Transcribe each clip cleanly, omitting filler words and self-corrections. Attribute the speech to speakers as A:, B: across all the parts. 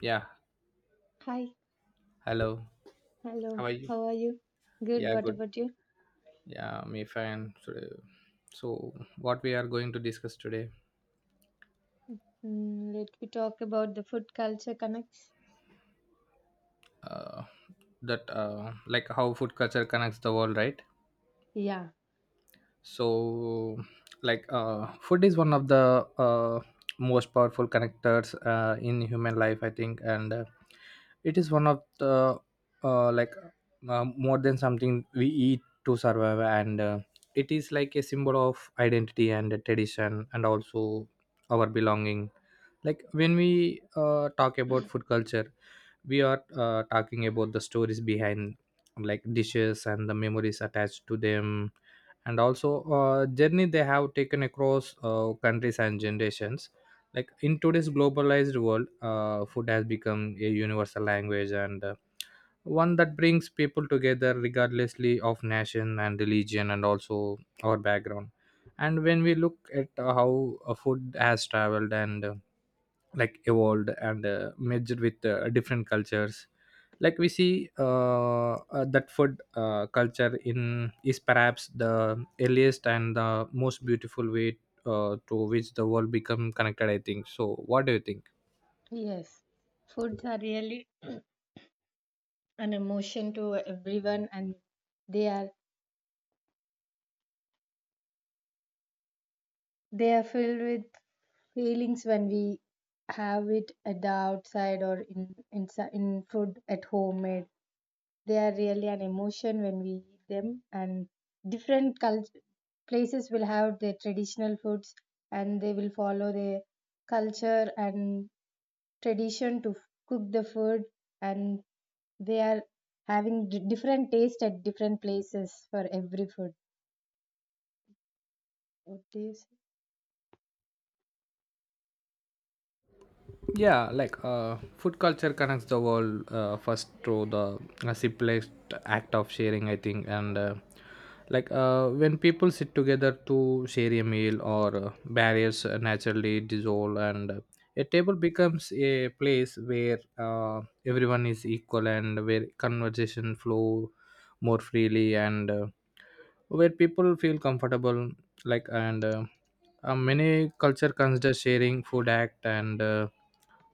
A: Yeah,
B: Hi,
A: hello. How
B: hello,
A: are you?
B: how are you? Good,
A: Yeah,
B: what
A: good.
B: about you?
A: Yeah, me fine. So what we are going to discuss today,
B: Mm, let me talk about the food culture connects.
A: uh, that like how food culture connects the world, right?
B: Yeah,
A: So like food is one of the most powerful connectors in human life I think, and it is one of the uh, like more than something we eat to survive. And it is like a symbol of identity and tradition, and also our belonging. Like when we talk about food culture, we are talking about the stories behind like dishes and the memories attached to them, and also journey they have taken across countries and generations. Like in today's globalized world, food has become a universal language, and one that brings people together regardlessly of nation and religion, and also our background. And when we look at how food has traveled and like evolved and merged with different cultures, like we see that food culture in is perhaps the earliest and the most beautiful way to which the world become connected, I think. So what do you think?
B: yes. Foods are really an emotion to everyone and they are they are filled with feelings when we have it at the outside or in food at homemade. They are really an emotion when we eat them, and different culture places will have their traditional foods, and they will follow their culture and tradition to cook the food, and they are having different taste at different places for every food. What do you say?
A: Yeah, like food culture connects the world first through the simplest act of sharing, I think. And like when people sit together to share a meal, or barriers naturally dissolve, and a table becomes a place where everyone is equal and where conversation flow more freely, and where people feel comfortable. Like, and many culture consider sharing food act, and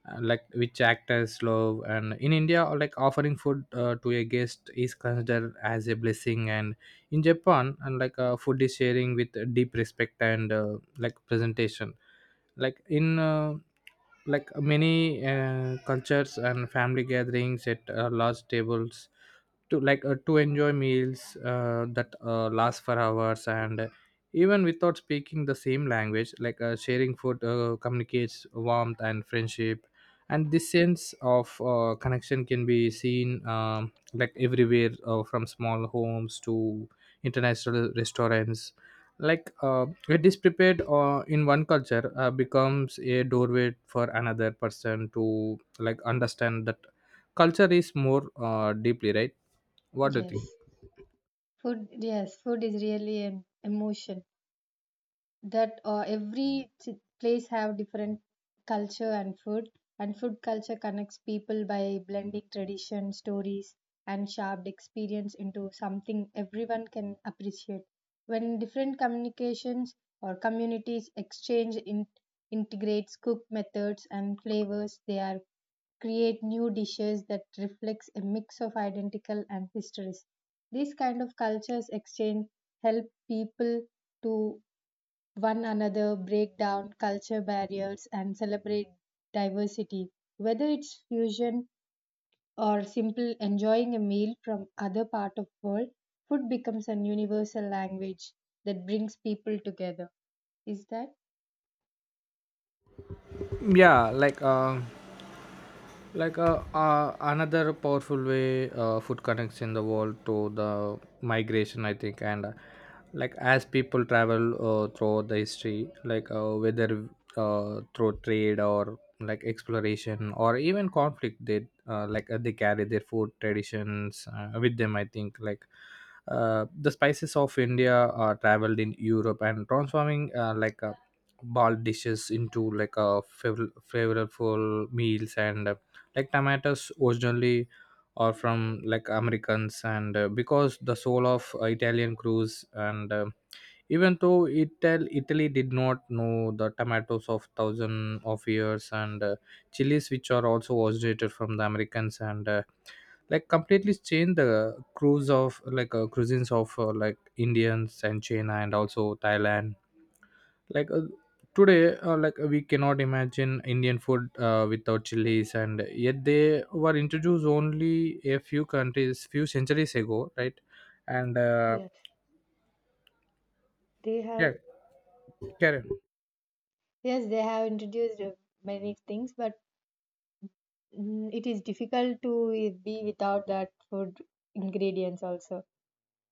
A: like which act as love. And in india, like offering food to a guest is considered as a blessing, and in japan, and like food is sharing with deep respect and like presentation. Like in like many cultures and family gatherings at large tables to like to enjoy meals that last for hours. And even without speaking the same language, like sharing food communicates warmth and friendship, and this sense of connection can be seen like everywhere, from small homes to international restaurants. Like it is prepared in one culture becomes a doorway for another person to like understand that culture is more deeply, right? What do you think?
B: Yes. Food is really an emotion that every place have different culture and food, and food culture connects people by blending tradition stories and shared experience into something everyone can appreciate when different communications or communities integrates cook methods and flavors. They are create new dishes that reflects a mix of identical and histories. These kind of cultures exchange help people to one another, break down culture barriers, and celebrate diversity. Whether it's fusion or simple enjoying a meal from other part of world, food becomes an universal language that brings people together. Is that?
A: Yeah, like another powerful way food connects in the world to the migration, I think. And like as people travel throughout the history, like whether through trade or like exploration or even conflict, they they carry their food traditions with them, I think. Like the spices of india are traveled in europe and transforming ball dishes into like a flavorful meals. And like tomatoes originally are from like americans, and because the soul of italian crews. And um, even though italy did not know the tomatoes of thousand of years, and chilies, which are also originated from the americans, and like completely changed the cruise of like cuisines of like indians and china, and also thailand. Like today, we cannot imagine indian food without chilies, and yet they were introduced only a few countries few centuries ago, right? And
B: Yeah, they
A: yeah,
B: have
A: karen.
B: yes, they have introduced many things, but it is difficult to be without that food ingredients also.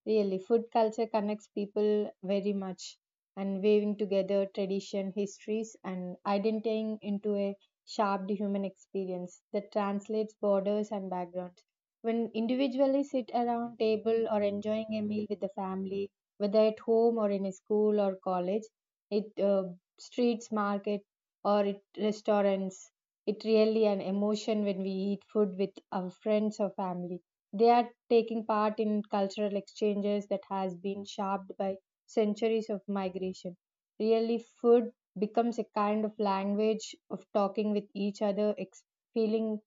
B: Really, food culture connects people very much and weaving together tradition, histories, and identifying into a sharp human experience that translates borders and backgrounds. When individually sit around table or enjoying a meal with the family, whether at home or in a school or college, it streets, market, or it restaurants, it really an emotion when we eat food with our friends or family. They are taking part in cultural exchanges that has been shaped by centuries of migration. Really, food becomes a kind of language of talking with each other, feeling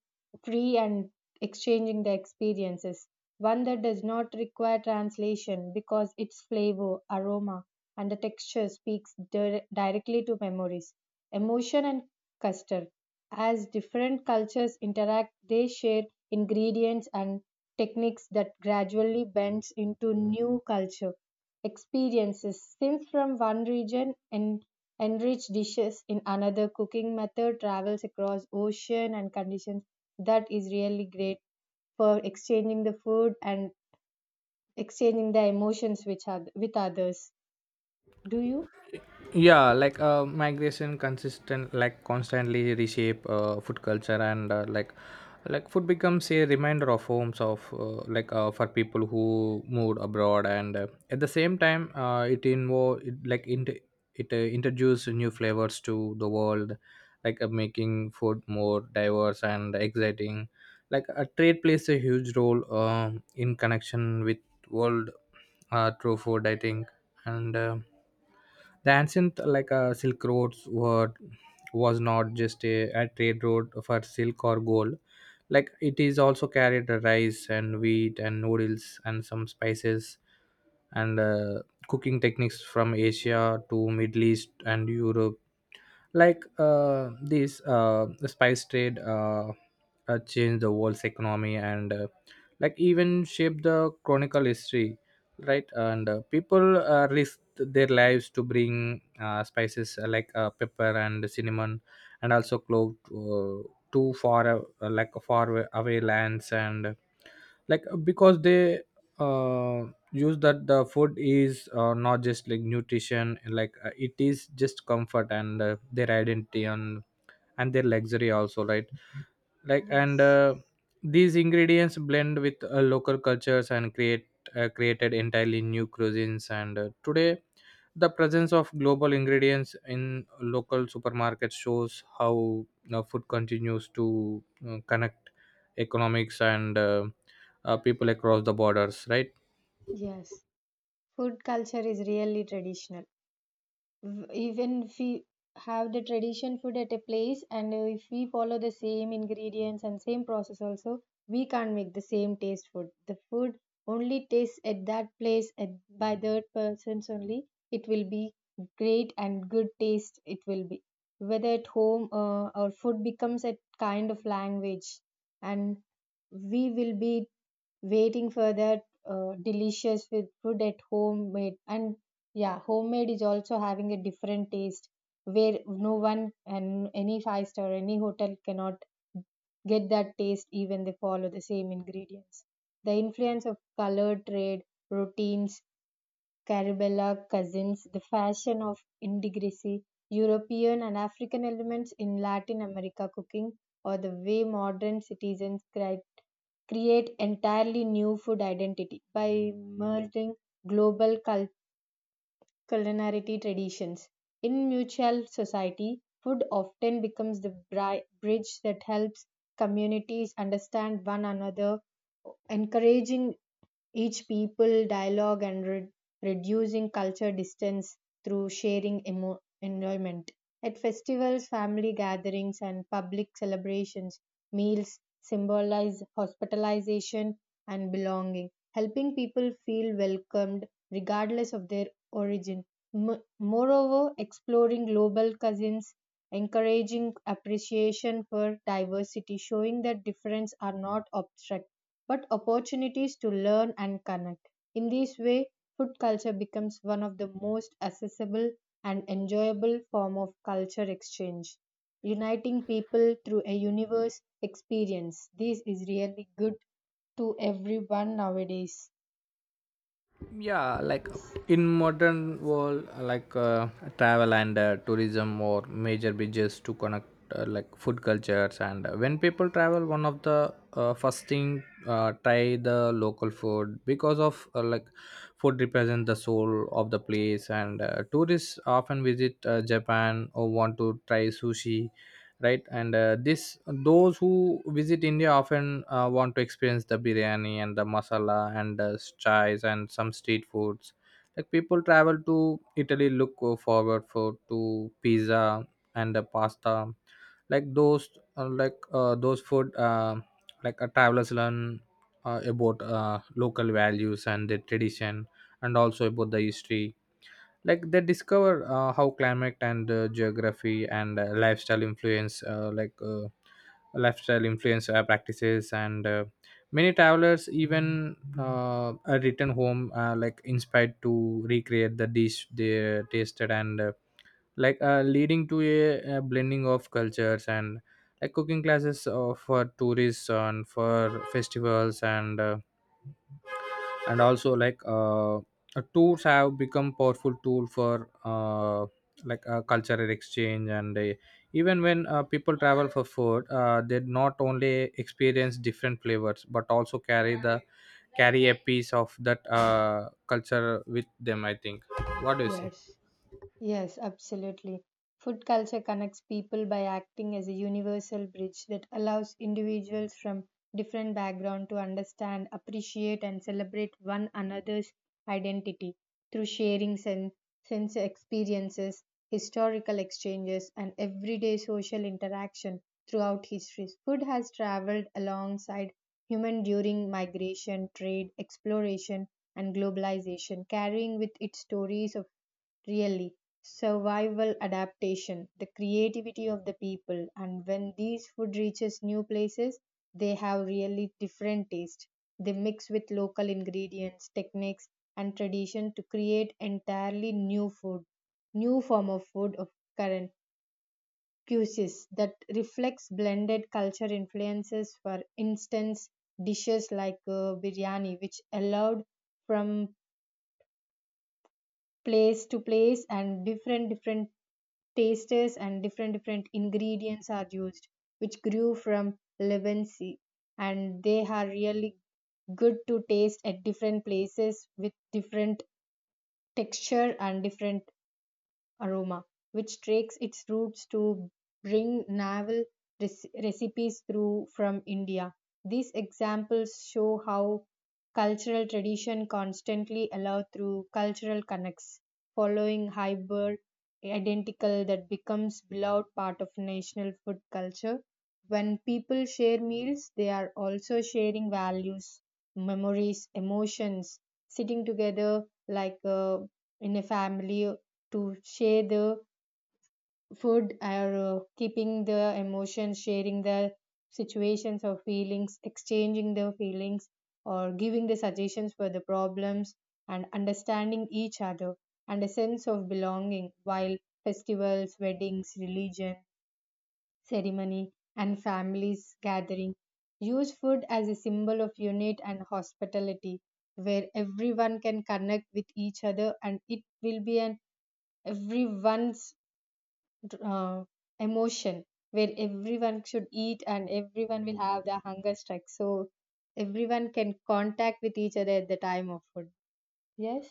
B: free and exchanging the experiences. One that does not require translation because its flavor, aroma, and the texture speaks directly to memories, emotion, and custard. As different cultures interact, they share ingredients and techniques that gradually bends into new culture experiences. Since from one region and enriched dishes in another cooking method travels across ocean and conditions. That is really great for exchanging the food and exchanging the emotions which are with others. Do you?
A: Yeah, like migration consistent like constantly reshape food culture, and like food becomes a reminder of homes of for people who moved abroad. And at the same time, it invo it, like inter- it introduced new flavors to the world, like making food more diverse and exciting. Like a trade plays a huge role in connection with world through food, I think. And um, the ancient like silk roads were was not just a trade road for silk or gold. Like it is also carried the rice and wheat and noodles and some spices, and cooking techniques from asia to middle east and europe. Like this the spice trade changed the world's economy, and like even shaped the chronicle history, right? And people risked their lives to bring spices like pepper and cinnamon, and also clove to far like far away lands. And like because they uh, use that the food is not just like nutrition, like it is just comfort, and their identity, and their luxury also, right? Like and
B: Yes.
A: these ingredients blend with local cultures and create created entirely new cuisines. And today the presence of global ingredients in local supermarkets shows how you know, food continues to connect economics and people across the borders, right?
B: Yes. Food culture is really traditional. Even if we have the tradition food at a place and if we follow the same ingredients and same process also, we can't make the same taste food. The food only tastes at that place at, by third persons only, it will be great and good taste it will be whether at home. Our food becomes a kind of language, and we will be waiting for that delicious with food at home made. And yeah, homemade is also having a different taste where no one and any five-star, any hotel cannot get that taste even they follow the same ingredients. The influence of color trade, routines, Carabella cousins, the fashion of indigresi, European and African elements in Latin America cooking, or the way modern citizens create entirely new food identity by merging global culture culinary traditions. In mutual society, food often becomes the bridge that helps communities understand one another, encouraging each people dialogue and reducing culture distance through sharing enjoyment. At festivals, family gatherings, and public celebrations, meals symbolize hospitalization and belonging, helping people feel welcomed regardless of their origin. Moreover, exploring global cousins, encouraging appreciation for diversity, showing that difference are not obstructive but opportunities to learn and connect. In this way, food culture becomes one of the most accessible and enjoyable form of culture exchange, uniting people through a universe experience. This is really good to everyone nowadays.
A: Yeah, like
B: Yes.
A: in modern world, travel and tourism or major bridges to connect like food cultures. And when people travel, one of the first thing try the local food because of like food represent the soul of the place. And tourists often visit japan or want to try sushi, right? And this those who visit india often want to experience the biryani and the masala and the chais and some street foods. Like people travel to italy look forward for to pizza and the pasta. Like those those food travelers learn about local values and the tradition, and also about the history. Like they discover how climate and geography and lifestyle influence lifestyle influence practices. And many travelers even are return home like inspired to recreate the dish they tasted. And like leading to a blending of cultures. And like cooking classes for tourists and for festivals, and also like tours have become powerful tool for cultural exchange. And even when people travel for food, they not only experience different flavors but also carry the carry a piece of that culture with them, I think. What do you say?
B: Yes. Yes, absolutely. Food culture connects people by acting as a universal bridge that allows individuals from different backgrounds to understand, appreciate, and celebrate one another's identity through sharing sense experiences, historical exchanges, and everyday social interaction throughout history. Food has traveled alongside human during migration, trade, exploration, and globalization, carrying with it stories of really survival adaptation the creativity of the people. And when these food reaches new places, they have really different taste. They mix with local ingredients techniques and tradition to create entirely new food, new form of food of current cuisines that reflects blended culture influences for instance dishes like biryani, which allowed from place to place and different different tastes and different different ingredients are used, which grew from Lebanese. And they are really good to taste at different places with different texture and different aroma, which tracks its roots to bring naval recipes through from India. These examples show how cultural tradition constantly allow through cultural connects, following hybrid identical that becomes beloved part of national food culture. When people share meals, they are also sharing values, memories, emotions, sitting together like a in a family to share the food, or keeping the emotions, sharing the situations or feelings, exchanging the feelings, or giving the suggestions for the problems and understanding each other and a sense of belonging while festivals, weddings, religion, ceremony, and families gathering use food as a symbol of unity and hospitality where everyone can connect with each other, and it will be an everyone's uh, emotion where everyone should eat and everyone will have their hunger strike, so everyone can contact with each other at the time of food. Yes.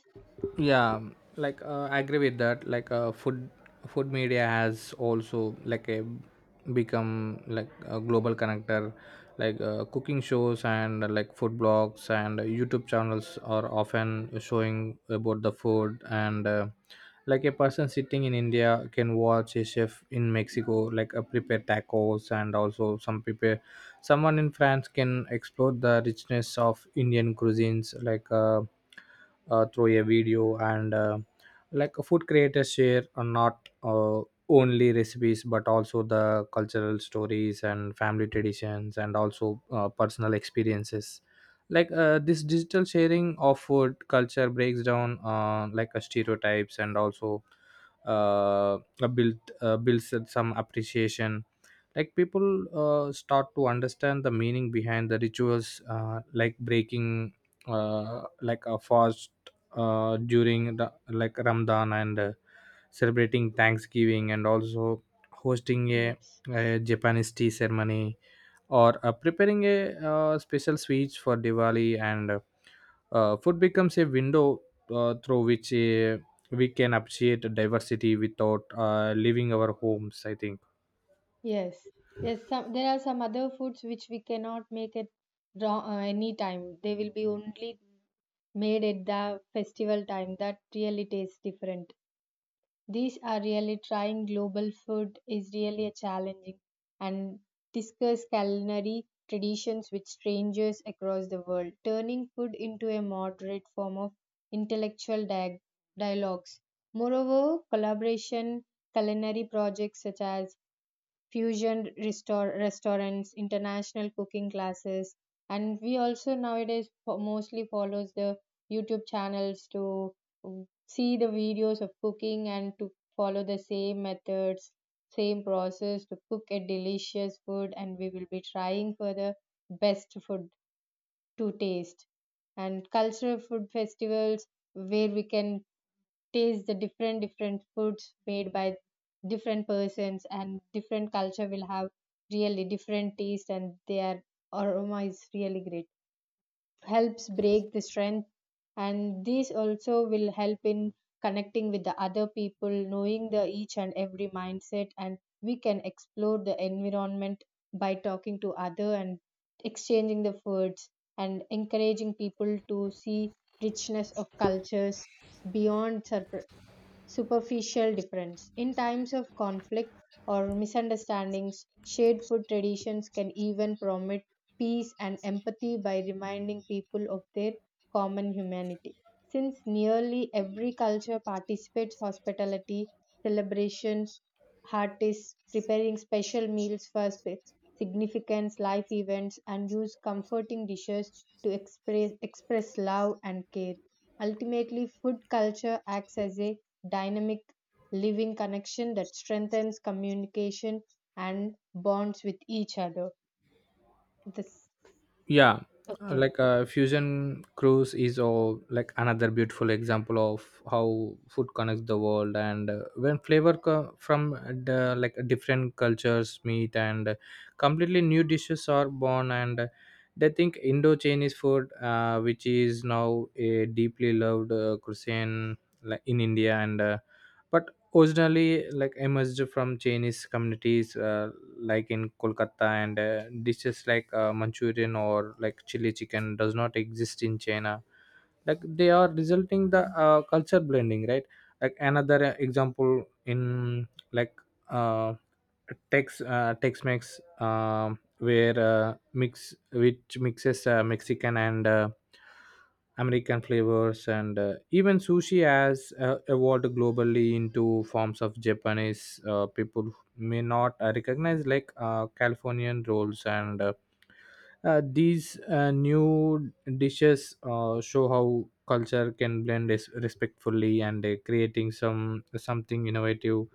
A: Yeah, like I agree with that. Like food media has also like a become like a global connector. Like cooking shows and like food blogs and youtube channels are often showing about the food. And like a person sitting in india can watch a chef in mexico like prepare tacos, and also some prepare someone in france can explore the richness of indian cuisines, like through a video. And like food creators share not only recipes but also the cultural stories and family traditions, and also personal experiences. Like this digital sharing of food culture breaks down like stereotypes, and also build builds some appreciation. Like people start to understand the meaning behind the rituals like breaking like a fast during the like Ramadan, and celebrating Thanksgiving, and also hosting
B: Yes.
A: a Japanese tea ceremony, or preparing a special sweets for Diwali. And food becomes a window through which we can appreciate diversity without leaving our homes, I think.
B: Yes, there's some there are some other foods which we cannot make at raw, any time. They will be only made at the festival time that really tastes different. These are really trying global food is really a challenging and discuss culinary traditions with strangers across the world, turning food into a moderate form of intellectual dialogues. Moreover, collaboration culinary projects such as fusion restaurants, international cooking classes, and we also nowadays mostly follows the YouTube channels to see the videos of cooking and to follow the same methods, same process to cook a delicious food, and we will be trying for the best food to taste and cultural food festivals where we can taste the different different foods made by different persons, and different culture will have really different taste and their aroma is really great helps break the strength, and this also will help in connecting with the other people, knowing the each and every mindset, and we can explore the environment by talking to other and exchanging the foods and encouraging people to see richness of cultures beyond superficial difference. In times of conflict or misunderstandings, shared food traditions can even promote peace and empathy by reminding people of their common humanity. Since nearly every culture participates hospitality, celebration, artists preparing special meals for significant life events and use comforting dishes to express love and care. Ultimately, food culture acts as a dynamic living connection that strengthens communication and bonds with each other. This
A: Yeah,
B: Okay.
A: like fusion cruise is all like another beautiful example of how food connects the world. And when flavor co- from the like different cultures meet, and completely new dishes are born. And they think indo-chinese food, which is now a deeply loved cuisine like in india. And but originally like emerged from Chinese communities like in Kolkata. And dishes like Manchurian or like chili chicken does not exist in China. Like they are resulting the culture blending, right? Like another example in like uh, Tex Mex where mixes Mexican and American flavors and even sushi has evolved globally into forms of Japanese people may not recognize like Californian rolls and these new dishes show how culture can blend respectfully and creating something innovative,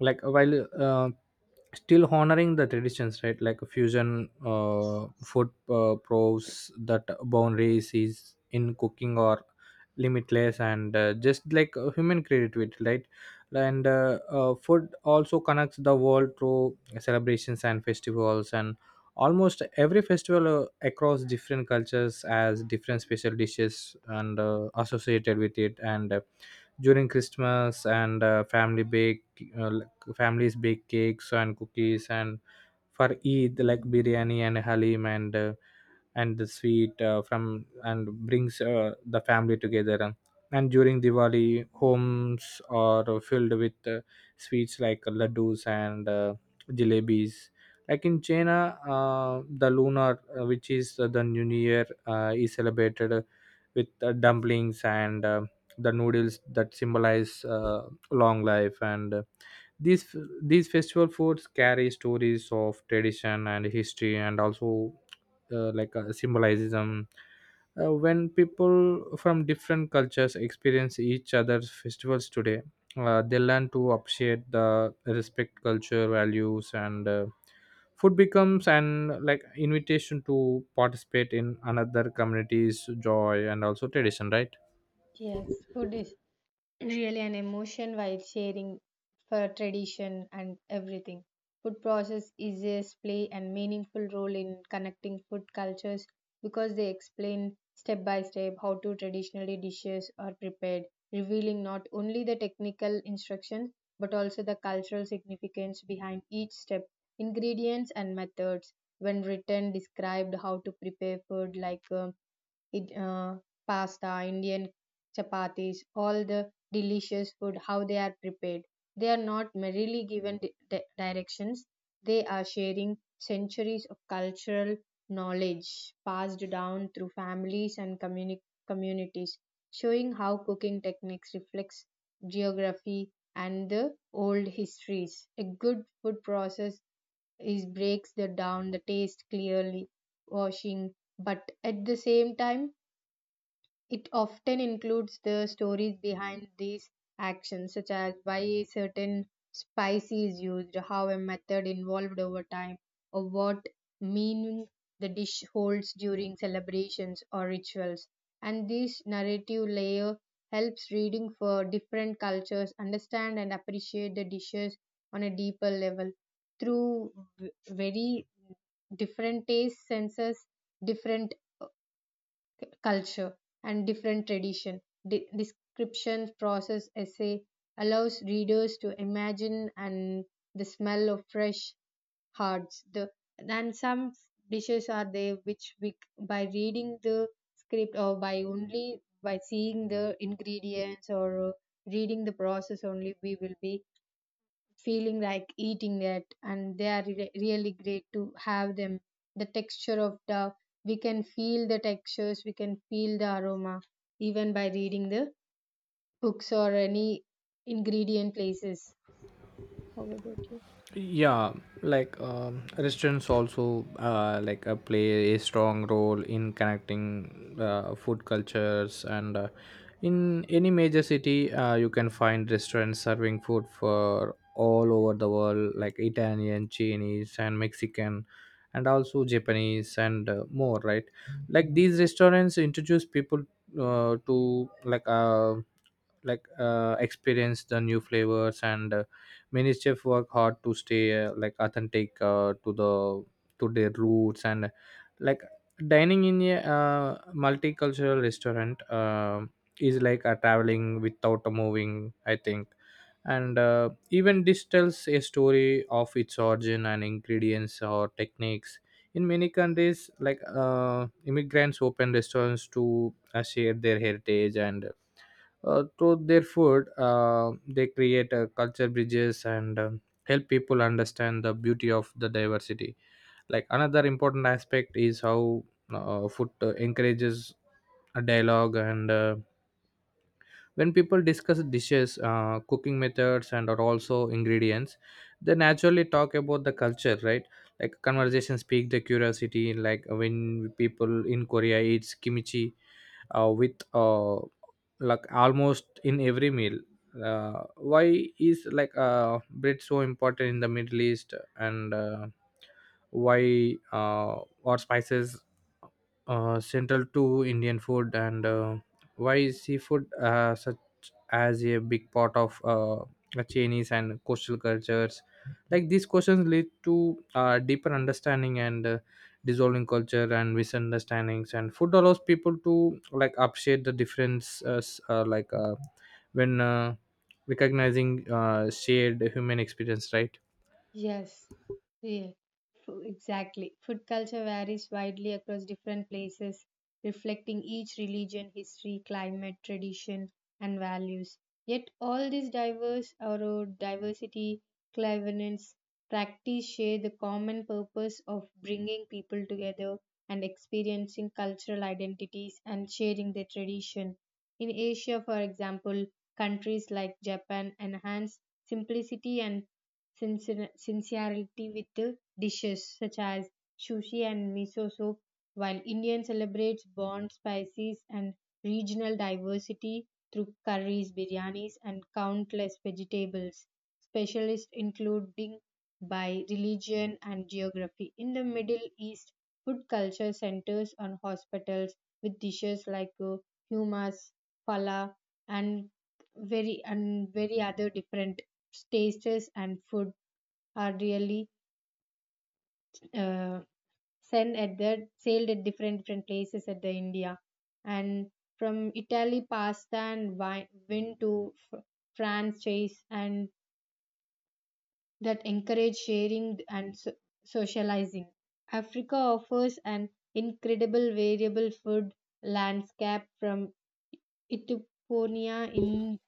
A: while still honoring the traditions, right? Like fusion food proves that boundaries is in cooking or limitless, and just like human creativity, right? And food also connects the world through celebrations and festivals, and almost every festival across different cultures has different special dishes and associated with it. And During Christmas and family bake uh, families bake cakes and cookies, and for Eid like biryani and halim and the sweet from and brings the family together. And during Diwali, homes are filled with sweets like laddus and jalebis. Like in China, the lunar, which is the new year, is celebrated with dumplings and the noodles that symbolize long life. And uh, these these festival foods carry stories of tradition and history, and also symbolism. When people from different cultures experience each other's festivals today, they learn to appreciate the respect culture values. And food becomes an like invitation to participate in another community's joy and also tradition, right?
B: Yes, food is really an emotion while sharing for tradition and everything. Food process is play and meaningful role in connecting food cultures because they explain step by step how to traditionally dishes are prepared, revealing not only the technical instructions but also the cultural significance behind each step, ingredients and methods. When written, described how to prepare food like it, uh, pasta, Indian chapatis, all the delicious food, how they are prepared. They are not merely given directions, they are sharing centuries of cultural knowledge passed down through families and communities, showing how cooking techniques reflects geography and the old histories. A good food process is breaks the down the taste clearly, washing, but at the same time it often includes the stories behind these actions, such as why a certain spice is used, how a method evolved over time, or what meaning the dish holds during celebrations or rituals. And this narrative layer helps reading for different cultures understand and appreciate the dishes on a deeper level through very different taste senses, different culture and different tradition. Description, process, essay allows readers to imagine and the smell of fresh hearts. The and some dishes are there which we by reading the script or by only by seeing the ingredients, or reading the process only we will be feeling like eating it, and they are really great to have them the texture of the we can feel the textures, we can feel the aroma even by reading the books or any ingredient places. How about you?
A: Yeah. Like restaurants also play a strong role in connecting food cultures. And In any major city, you can find restaurants serving food for all over the world, like Italian, Chinese, and Mexican, and also Japanese and more, right? Like these restaurants introduce people to experience the new flavors. And Many chefs work hard to stay authentic to the to their roots. And like dining in a multicultural restaurant is like a traveling without a moving, I think. And even this tells a story of its origin and ingredients or techniques. In many countries, immigrants open restaurants to share their heritage, and through their food they create culture bridges, and help people understand the beauty of the diversity. Like another important aspect is how food encourages a dialogue. And When people discuss dishes, cooking methods, and or also ingredients, they naturally talk about the culture, right? Like conversations
B: Yes.
A: speak the curiosity. Like when people in Korea eats kimchi with like almost in every meal. Why is like bread so important in the Middle East? And uh, why uh, or spices central to Indian food? And why is seafood such as a big part of the Chinese and coastal cultures? Like these questions lead to deeper understanding and dissolving culture and misunderstandings. And food allows people to like appreciate the differences, like when recognizing shared human experience, right?
B: Yes, yeah, exactly. Food culture varies widely across different places, reflecting each religion, history, climate, tradition, and values. Yet all these diverse or diversity, cleverness, practice share the common purpose of bringing people together and experiencing cultural identities and sharing their tradition. In Asia, for example, countries like Japan enhance simplicity and sincerity with dishes such as sushi and miso soup, while Indian celebrates bond spices and regional diversity through curries, biryanis, and countless vegetables. Specialists including by religion and geography. In the Middle East, food culture centers on hospitals with dishes like hummus, falafel, and and very other different tastes and food are really uh, sent at the sailed at different different places at the India, and from Italy pasta and wine win to fr- France chase, and that encourage sharing and socializing. Africa offers an incredible variable food landscape from Ethiopia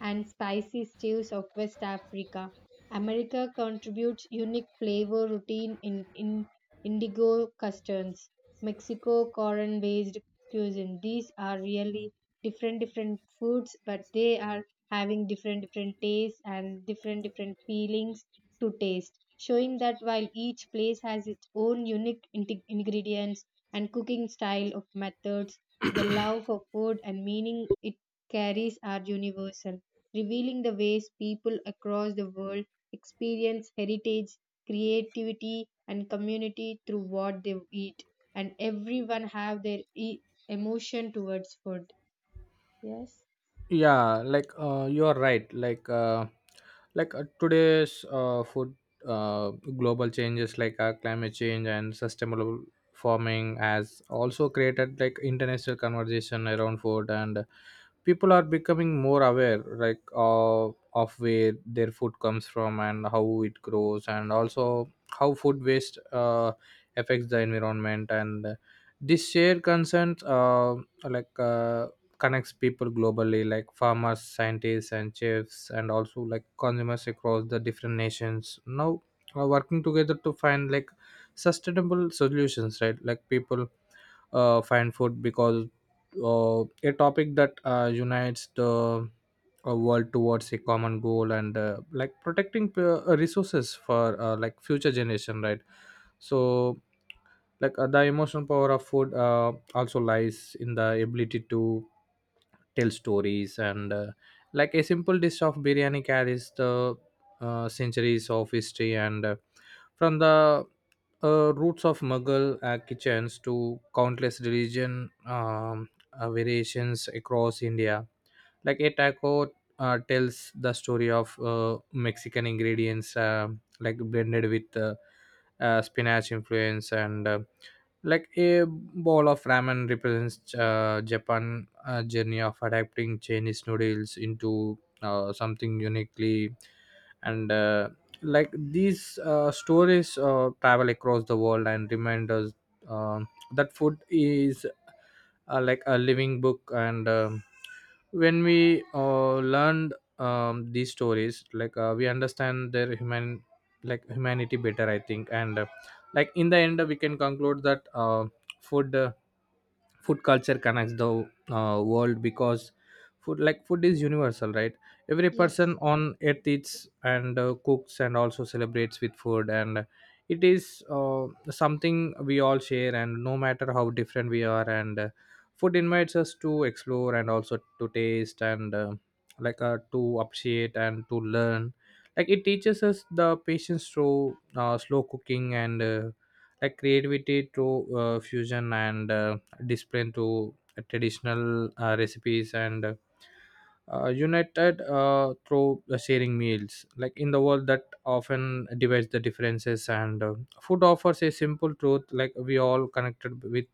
B: and spicy stews of West Africa. America contributes unique flavor routine in indigo customs. Mexico corn based cuisine. These are really different different foods, but they are having different different tastes and different different feelings to taste, showing that while each place has its own unique ingredients and cooking style of methods, the love for food and meaning it carries are universal, revealing the ways people across the world experience heritage, creativity, and community through what they eat. And everyone have their emotion towards food. Yes.
A: Yeah, like you're right like today's food uh, global changes like climate change and sustainable farming has also created like international conversation around food. And people are becoming more aware like of where their food comes from and how it grows, and also how food waste affects the environment. And uh, this shared concerns like uh, connects people globally, like farmers, scientists, and chefs, and also like consumers across the different nations now are working together to find like sustainable solutions, right? Like people find food because a topic that unites the world towards a common goal, and like protecting resources for future generation, right? So like the emotional power of food also lies in the ability to tell stories. And Like a simple dish of biryani carries the centuries of history, and from the roots of Mughal kitchens to countless religion variations across India. Like a taco tells the story of Mexican ingredients, like blended with spinach influence. And Like a bowl of ramen represents Japan journey of adapting Chinese noodles into something uniquely. And Like these stories travel across the world and remind us um that food is like a living book. And when we learned these stories, we understand their humanity better, I think. And Like in the end we can conclude that food uh, food culture connects the world because food is universal, right? Every person
B: Yes,
A: on earth eats and cooks and also celebrates with food, and it is something we all share, and no matter how different we are. And Food invites us to explore and also to taste, and to appreciate and to learn. Like it teaches us the patience through slow cooking, and like creativity through fusion, and discipline to traditional recipes, and united through the sharing meals, like in the world that often divides the differences. And Food offers a simple truth, like we all connected with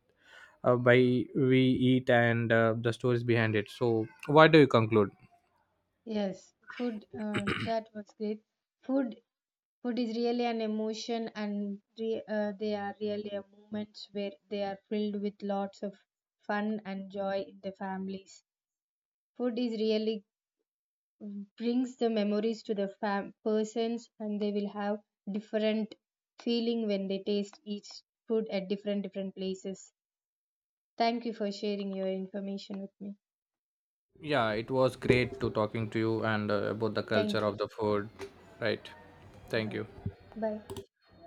A: by we eat and the stories behind it. So why do you conclude?
B: yes. Food, that was great. Food, food is really an emotion, and re they are really a moments where they are filled with lots of fun and joy in the families. Food is really brings the memories to the persons, and they will have different feeling when they taste each food at different different places. Thank you for sharing your information with me.
A: Yeah, it was great to talking to you and about the culture
B: Thank you.
A: of the food, right? Thank
B: Bye.
A: you.
B: Bye.